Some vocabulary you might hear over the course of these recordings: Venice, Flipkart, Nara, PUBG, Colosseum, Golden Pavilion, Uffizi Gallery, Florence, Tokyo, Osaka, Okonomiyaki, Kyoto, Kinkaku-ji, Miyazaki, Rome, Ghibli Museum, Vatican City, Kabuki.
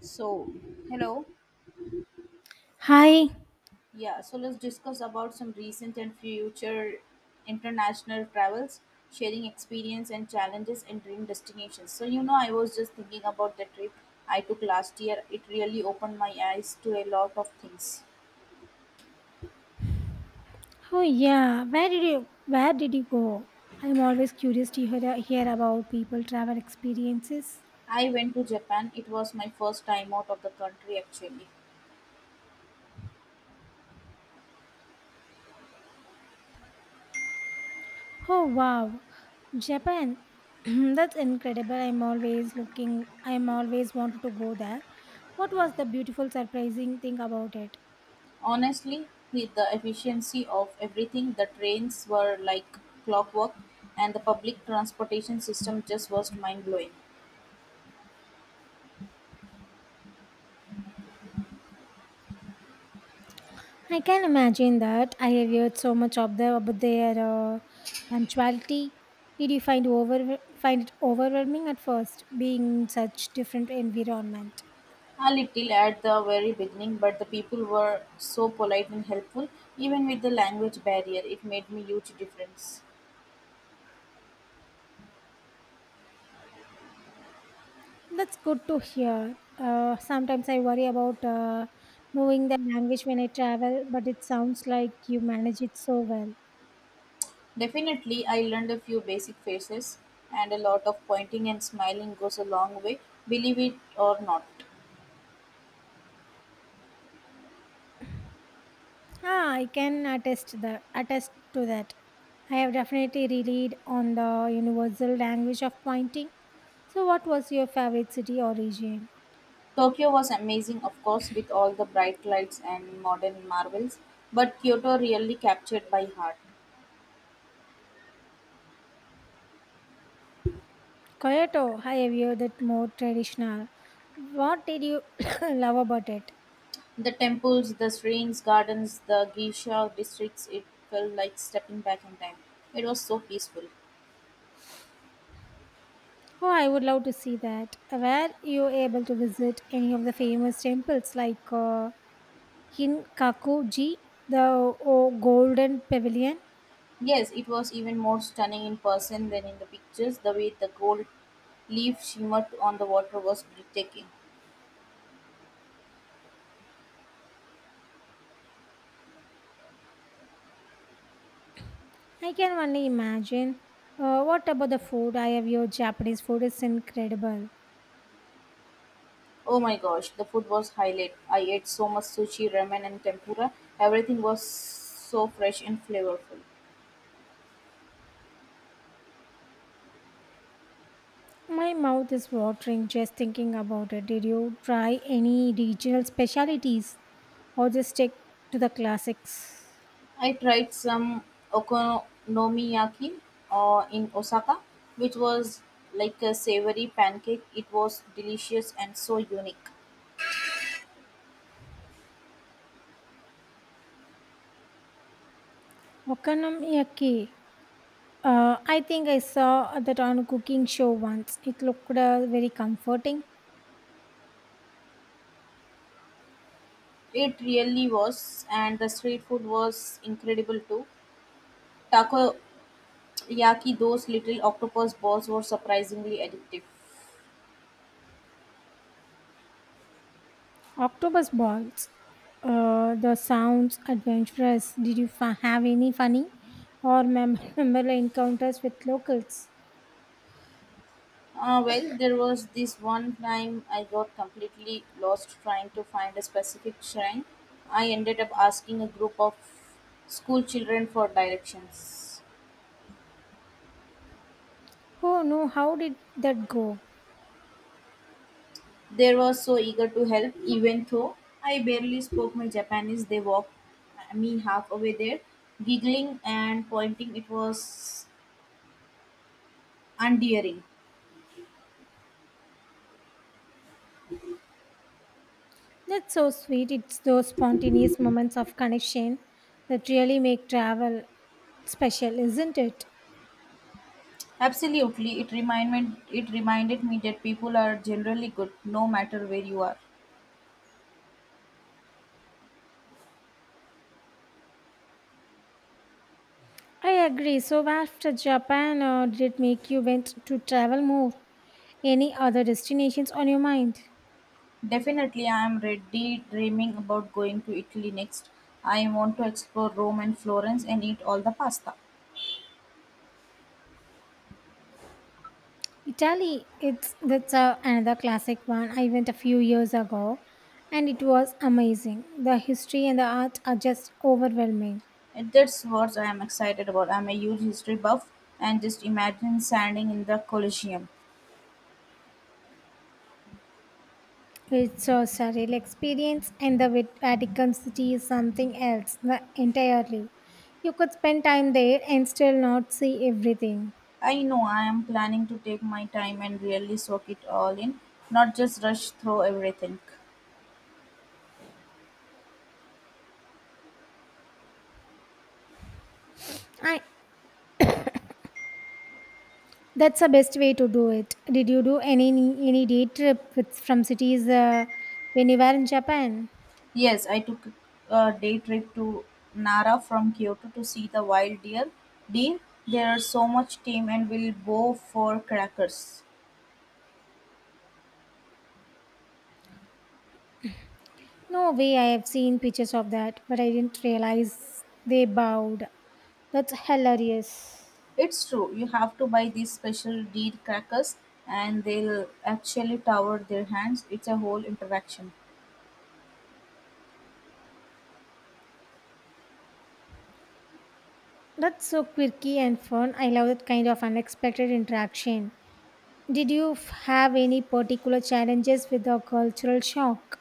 So, hello. Hi. Yeah, so let's discuss about some recent and future international travels, sharing experience and challenges and dream destinations. So, you know, I was just thinking about the trip I took last year. It really opened my eyes to a lot of things. Oh yeah. Where did you where did you go? I'm always curious to hear about people travel experiences. I went to Japan. It was my first time out of the country actually. Oh wow, Japan. That's incredible. I'm always looking. I'm always wanted to go there. What was the beautiful, surprising thing about it? Honestly, with the efficiency of everything, the trains were like clockwork and the public transportation system just was mind blowing. I can imagine that. I have heard so much of them about their punctuality. Did you find over find it overwhelming at first, being in such different environment? A little at the very beginning, but the people were so polite and helpful, even with the language barrier. It made me huge difference. That's good to hear. Sometimes I worry about knowing the language when I travel, but it sounds like you manage it so well. Definitely, I learned a few basic phrases, and a lot of pointing and smiling goes a long way, believe it or not. Ah, I can attest that. Attest to that. I have definitely relied on the universal language of pointing. So, what was your favorite city or region? Tokyo was amazing, of course, with all the bright lights and modern marvels, but Kyoto really captured my heart. Kyoto. I have heard that more traditional. What did you love about it? The temples, the streets, gardens, the geisha districts, it felt like stepping back in time. It was so peaceful. Oh, I would love to see that. Were you able to visit any of the famous temples like In Kakuji, the oh, Golden Pavilion. Yes, it was even more stunning in person than in the pictures. The way the gold leaf shimmered on the water was breathtaking. I can only imagine. What about the food? I have your Japanese food is incredible. Oh my gosh, the food was highlight. I ate so much sushi, ramen, and tempura. Everything was so fresh and flavorful. My mouth is watering just thinking about it. Did you try any regional specialties, or just stick to the classics? I tried some okonomiyaki in Osaka, which was like a savory pancake. It was delicious and so unique. Okonomiyaki. I think I saw that on a cooking show once. It looked very comforting. It really was, and the street food was incredible too. Taco Yaki, those little octopus balls were surprisingly addictive. Octopus balls. The sounds adventurous. Did you have any funny or memorable encounters with locals? Well, there was this one time I got completely lost trying to find a specific shrine. I ended up asking a group of school children for directions. Oh no, how did that go? They were so eager to help, even though I barely spoke my Japanese. They walked me halfway there, giggling and pointing. It was endearing. That's so sweet. It's those spontaneous moments of connection that really make travel special, isn't it? Absolutely, it reminded me that people are generally good no matter where you are. I agree. So after Japan, did it make you want to travel more? Any other destinations on your mind? Definitely, I am ready dreaming about going to Italy next. I want to explore Rome and Florence and eat all the pasta. Italy, it's that's a, another classic one. I went a few years ago, and it was amazing. The history and the art are just overwhelming. And that's what I am excited about. I'm a huge history buff, and just imagine standing in the Colosseum. It's a surreal experience, and the Vatican City is something else entirely. You could spend time there and still not see everything. I know I am planning to take my time and really soak it all in, not just rush through everything. I that's the best way to do it. Did you do any day trip with from cities when you were in Japan? Yes, I took a day trip to Nara from Kyoto to see the wild deer. Deer, there are so much tame and will go for crackers. No way, I have seen pictures of that, but I didn't realize they bowed. That's hilarious. It's true, you have to buy these special deer crackers and they'll actually tower their hands. It's a whole interaction. That's so quirky and fun. I love that kind of unexpected interaction. Did you have any particular challenges with the cultural shock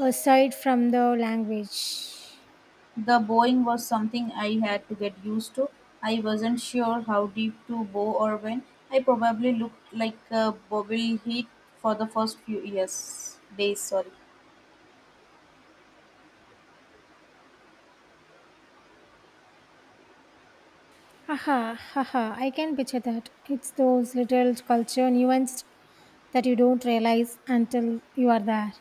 aside from the language? The bowing was something I had to get used to. I wasn't sure how deep to bow or when. I probably looked like a bobblehead for the first few years. Days, sorry. Haha, haha, I can picture that. It's those little culture nuances that you don't realize until you are there.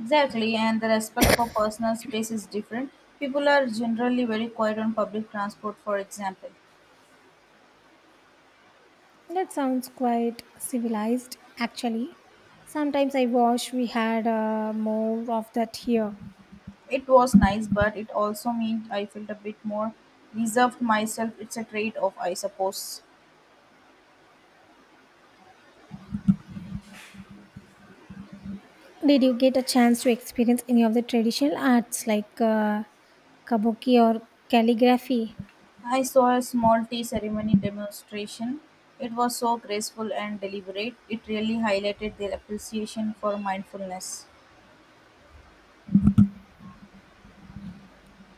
Exactly, and the respect for personal space is different. People are generally very quiet on public transport, for example. That sounds quite civilized, actually. Sometimes I wish we had more of that here. It was nice, but it also meant I felt a bit more reserved myself. It's a trade off, I suppose. Did you get a chance to experience any of the traditional arts like kabuki or calligraphy? I saw a small tea ceremony demonstration. It was so graceful and deliberate. It really highlighted their appreciation for mindfulness.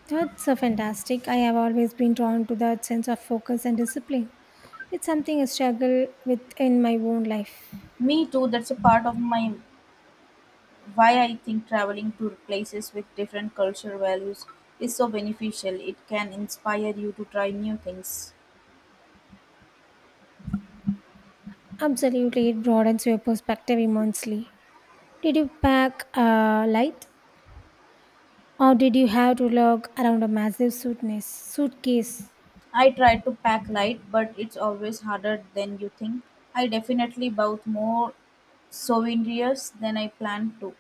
That's fantastic. I have always been drawn to that sense of focus and discipline. It's something I struggle with in my own life. Me too, that's a part of my why I think traveling to places with different cultural values is so beneficial. It can inspire you to try new things. Absolutely, it broadens your perspective immensely. Did you pack a light? Or did you have to lug around a massive suitcase? Suitcase, I try to pack light, but it's always harder than you think. I definitely bought more souvenirs than I planned to.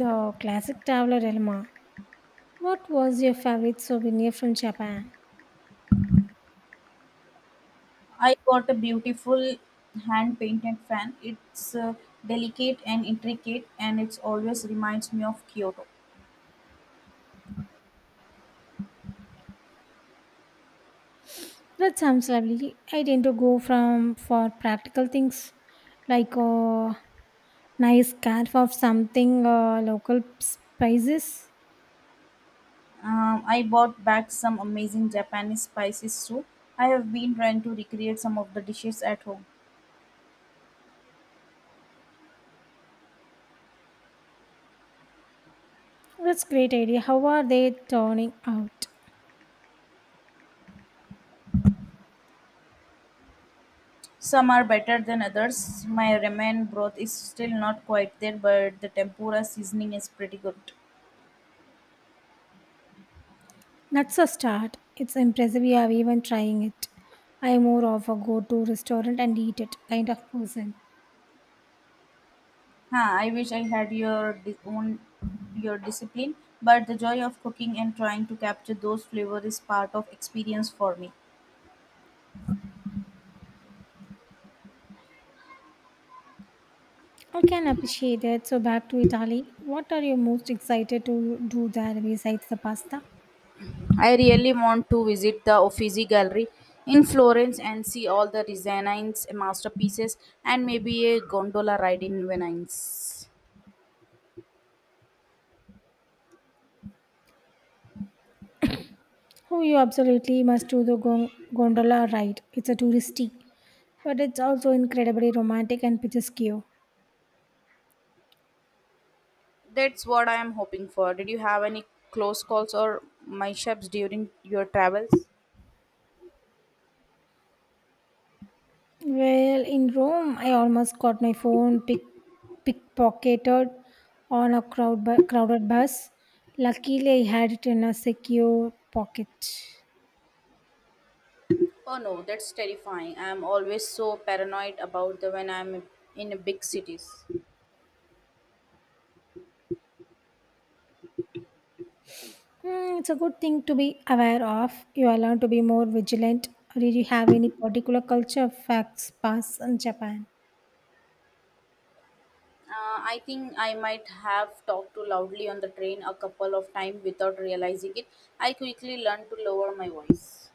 the classic traveler dilemma. What was your favorite souvenir from Japan? I got a beautiful hand painted fan. It's delicate and intricate, and it always reminds me of Kyoto. That sounds lovely. I tend to go from for practical things like a nice scarf of something local spices. I bought back some amazing Japanese spices too. I have been trying to recreate some of the dishes at home. That's great idea. How are they turning out? Some are better than others. My ramen broth is still not quite there, but the tempura seasoning is pretty good. That's a start. It's impressive you are even trying it. I am more of a go to restaurant and eat it kind of person. Huh, I wish I had your di- own your discipline, but the joy of cooking and trying to capture those flavors is part of experience for me. I can appreciate it. So back to Italy. What are you most excited to do there besides the pasta? I really want to visit the Uffizi Gallery in Florence and see all the designs, masterpieces, and maybe a gondola ride in Venice. Oh, you absolutely must do the gondola ride. It's a touristy, but it's also incredibly romantic and picturesque. That's what I am hoping for. Did you have any close calls or mishaps during your travels? Well, in Rome, I almost got my phone pickpocketed on a crowded bus. Luckily, I had it in a secure pocket. Oh no, that's terrifying. I am always so paranoid about the when I am in a big cities. Mm, it's a good thing to be aware of. You are learn to be more vigilant. Did you have any particular culture facts pass in Japan? I think I might have talked too loudly on the train a couple of times without realizing it. I quickly learned to lower my voice.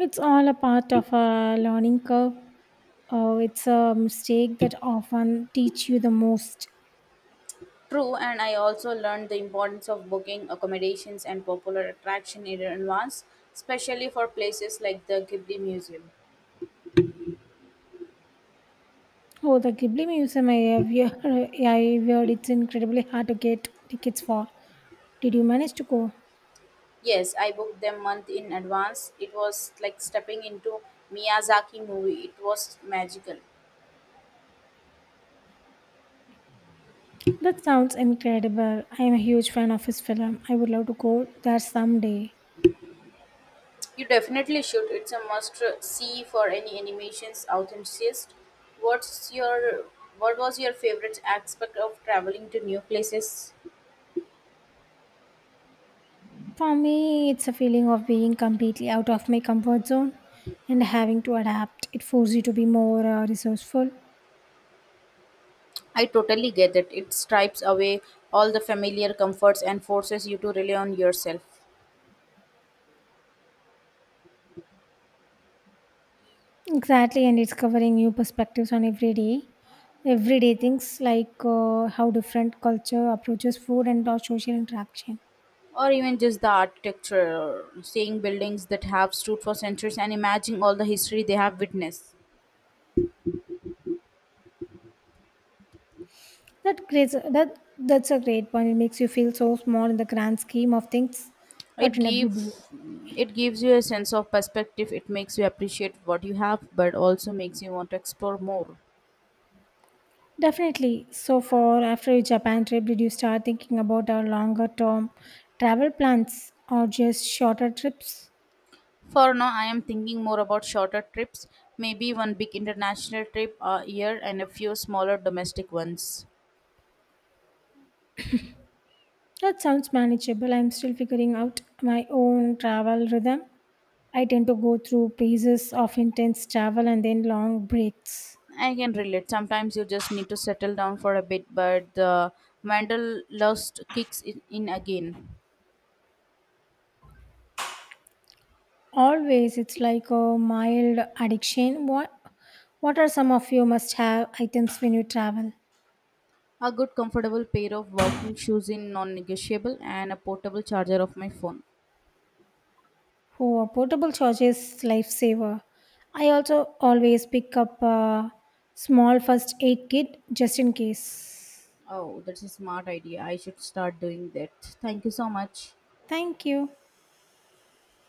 It's all a part of a learning curve. Oh, it's a mistake that often teach you the most. True, and I also learned the importance of booking accommodations and popular attraction in advance, especially for places like the Ghibli Museum. Oh, the Ghibli Museum, I have heard, I heard it's incredibly hard to get tickets for. Did you manage to go? Yes, I booked them month in advance. It was like stepping into Miyazaki movie. It was magical. That sounds incredible. I am a huge fan of his film. I would love to go there someday. You definitely should. It's a must see for any animations enthusiast. What's your what was your favorite aspect of traveling to new places? For me, it's a feeling of being completely out of my comfort zone and having to adapt. It forces you to be more resourceful. I totally get it. It stripes away all the familiar comforts and forces you to rely on yourself. Exactly, and it's covering new perspectives on everyday things like how different culture approaches food and our social interaction. Or even just the architecture, seeing buildings that have stood for centuries and imagining all the history they have witnessed. That creates that that's a great point. It makes you feel so small in the grand scheme of things, It but in a good way. gives it gives you a sense of perspective. It makes you appreciate what you have, but also makes you want to explore more. Definitely. So, for after your Japan trip, did you start thinking about our longer term travel plans or just shorter trips? For now, I am thinking more about shorter trips, maybe one big international trip a year and a few smaller domestic ones. That sounds manageable. I'm still figuring out my own travel rhythm. I tend to go through phases of intense travel and then long breaks. I can relate. Sometimes you just need to settle down for a bit, but the wanderlust kicks in again. Always, it's like a mild addiction. What what are some of your must-have items when you travel? A good, comfortable pair of walking shoes in non-negotiable, and a portable charger of my phone. Oh, a portable charger is lifesaver. I also always pick up a small first aid kit just in case. Oh, that's a smart idea. I should start doing that. Thank you so much. Thank you.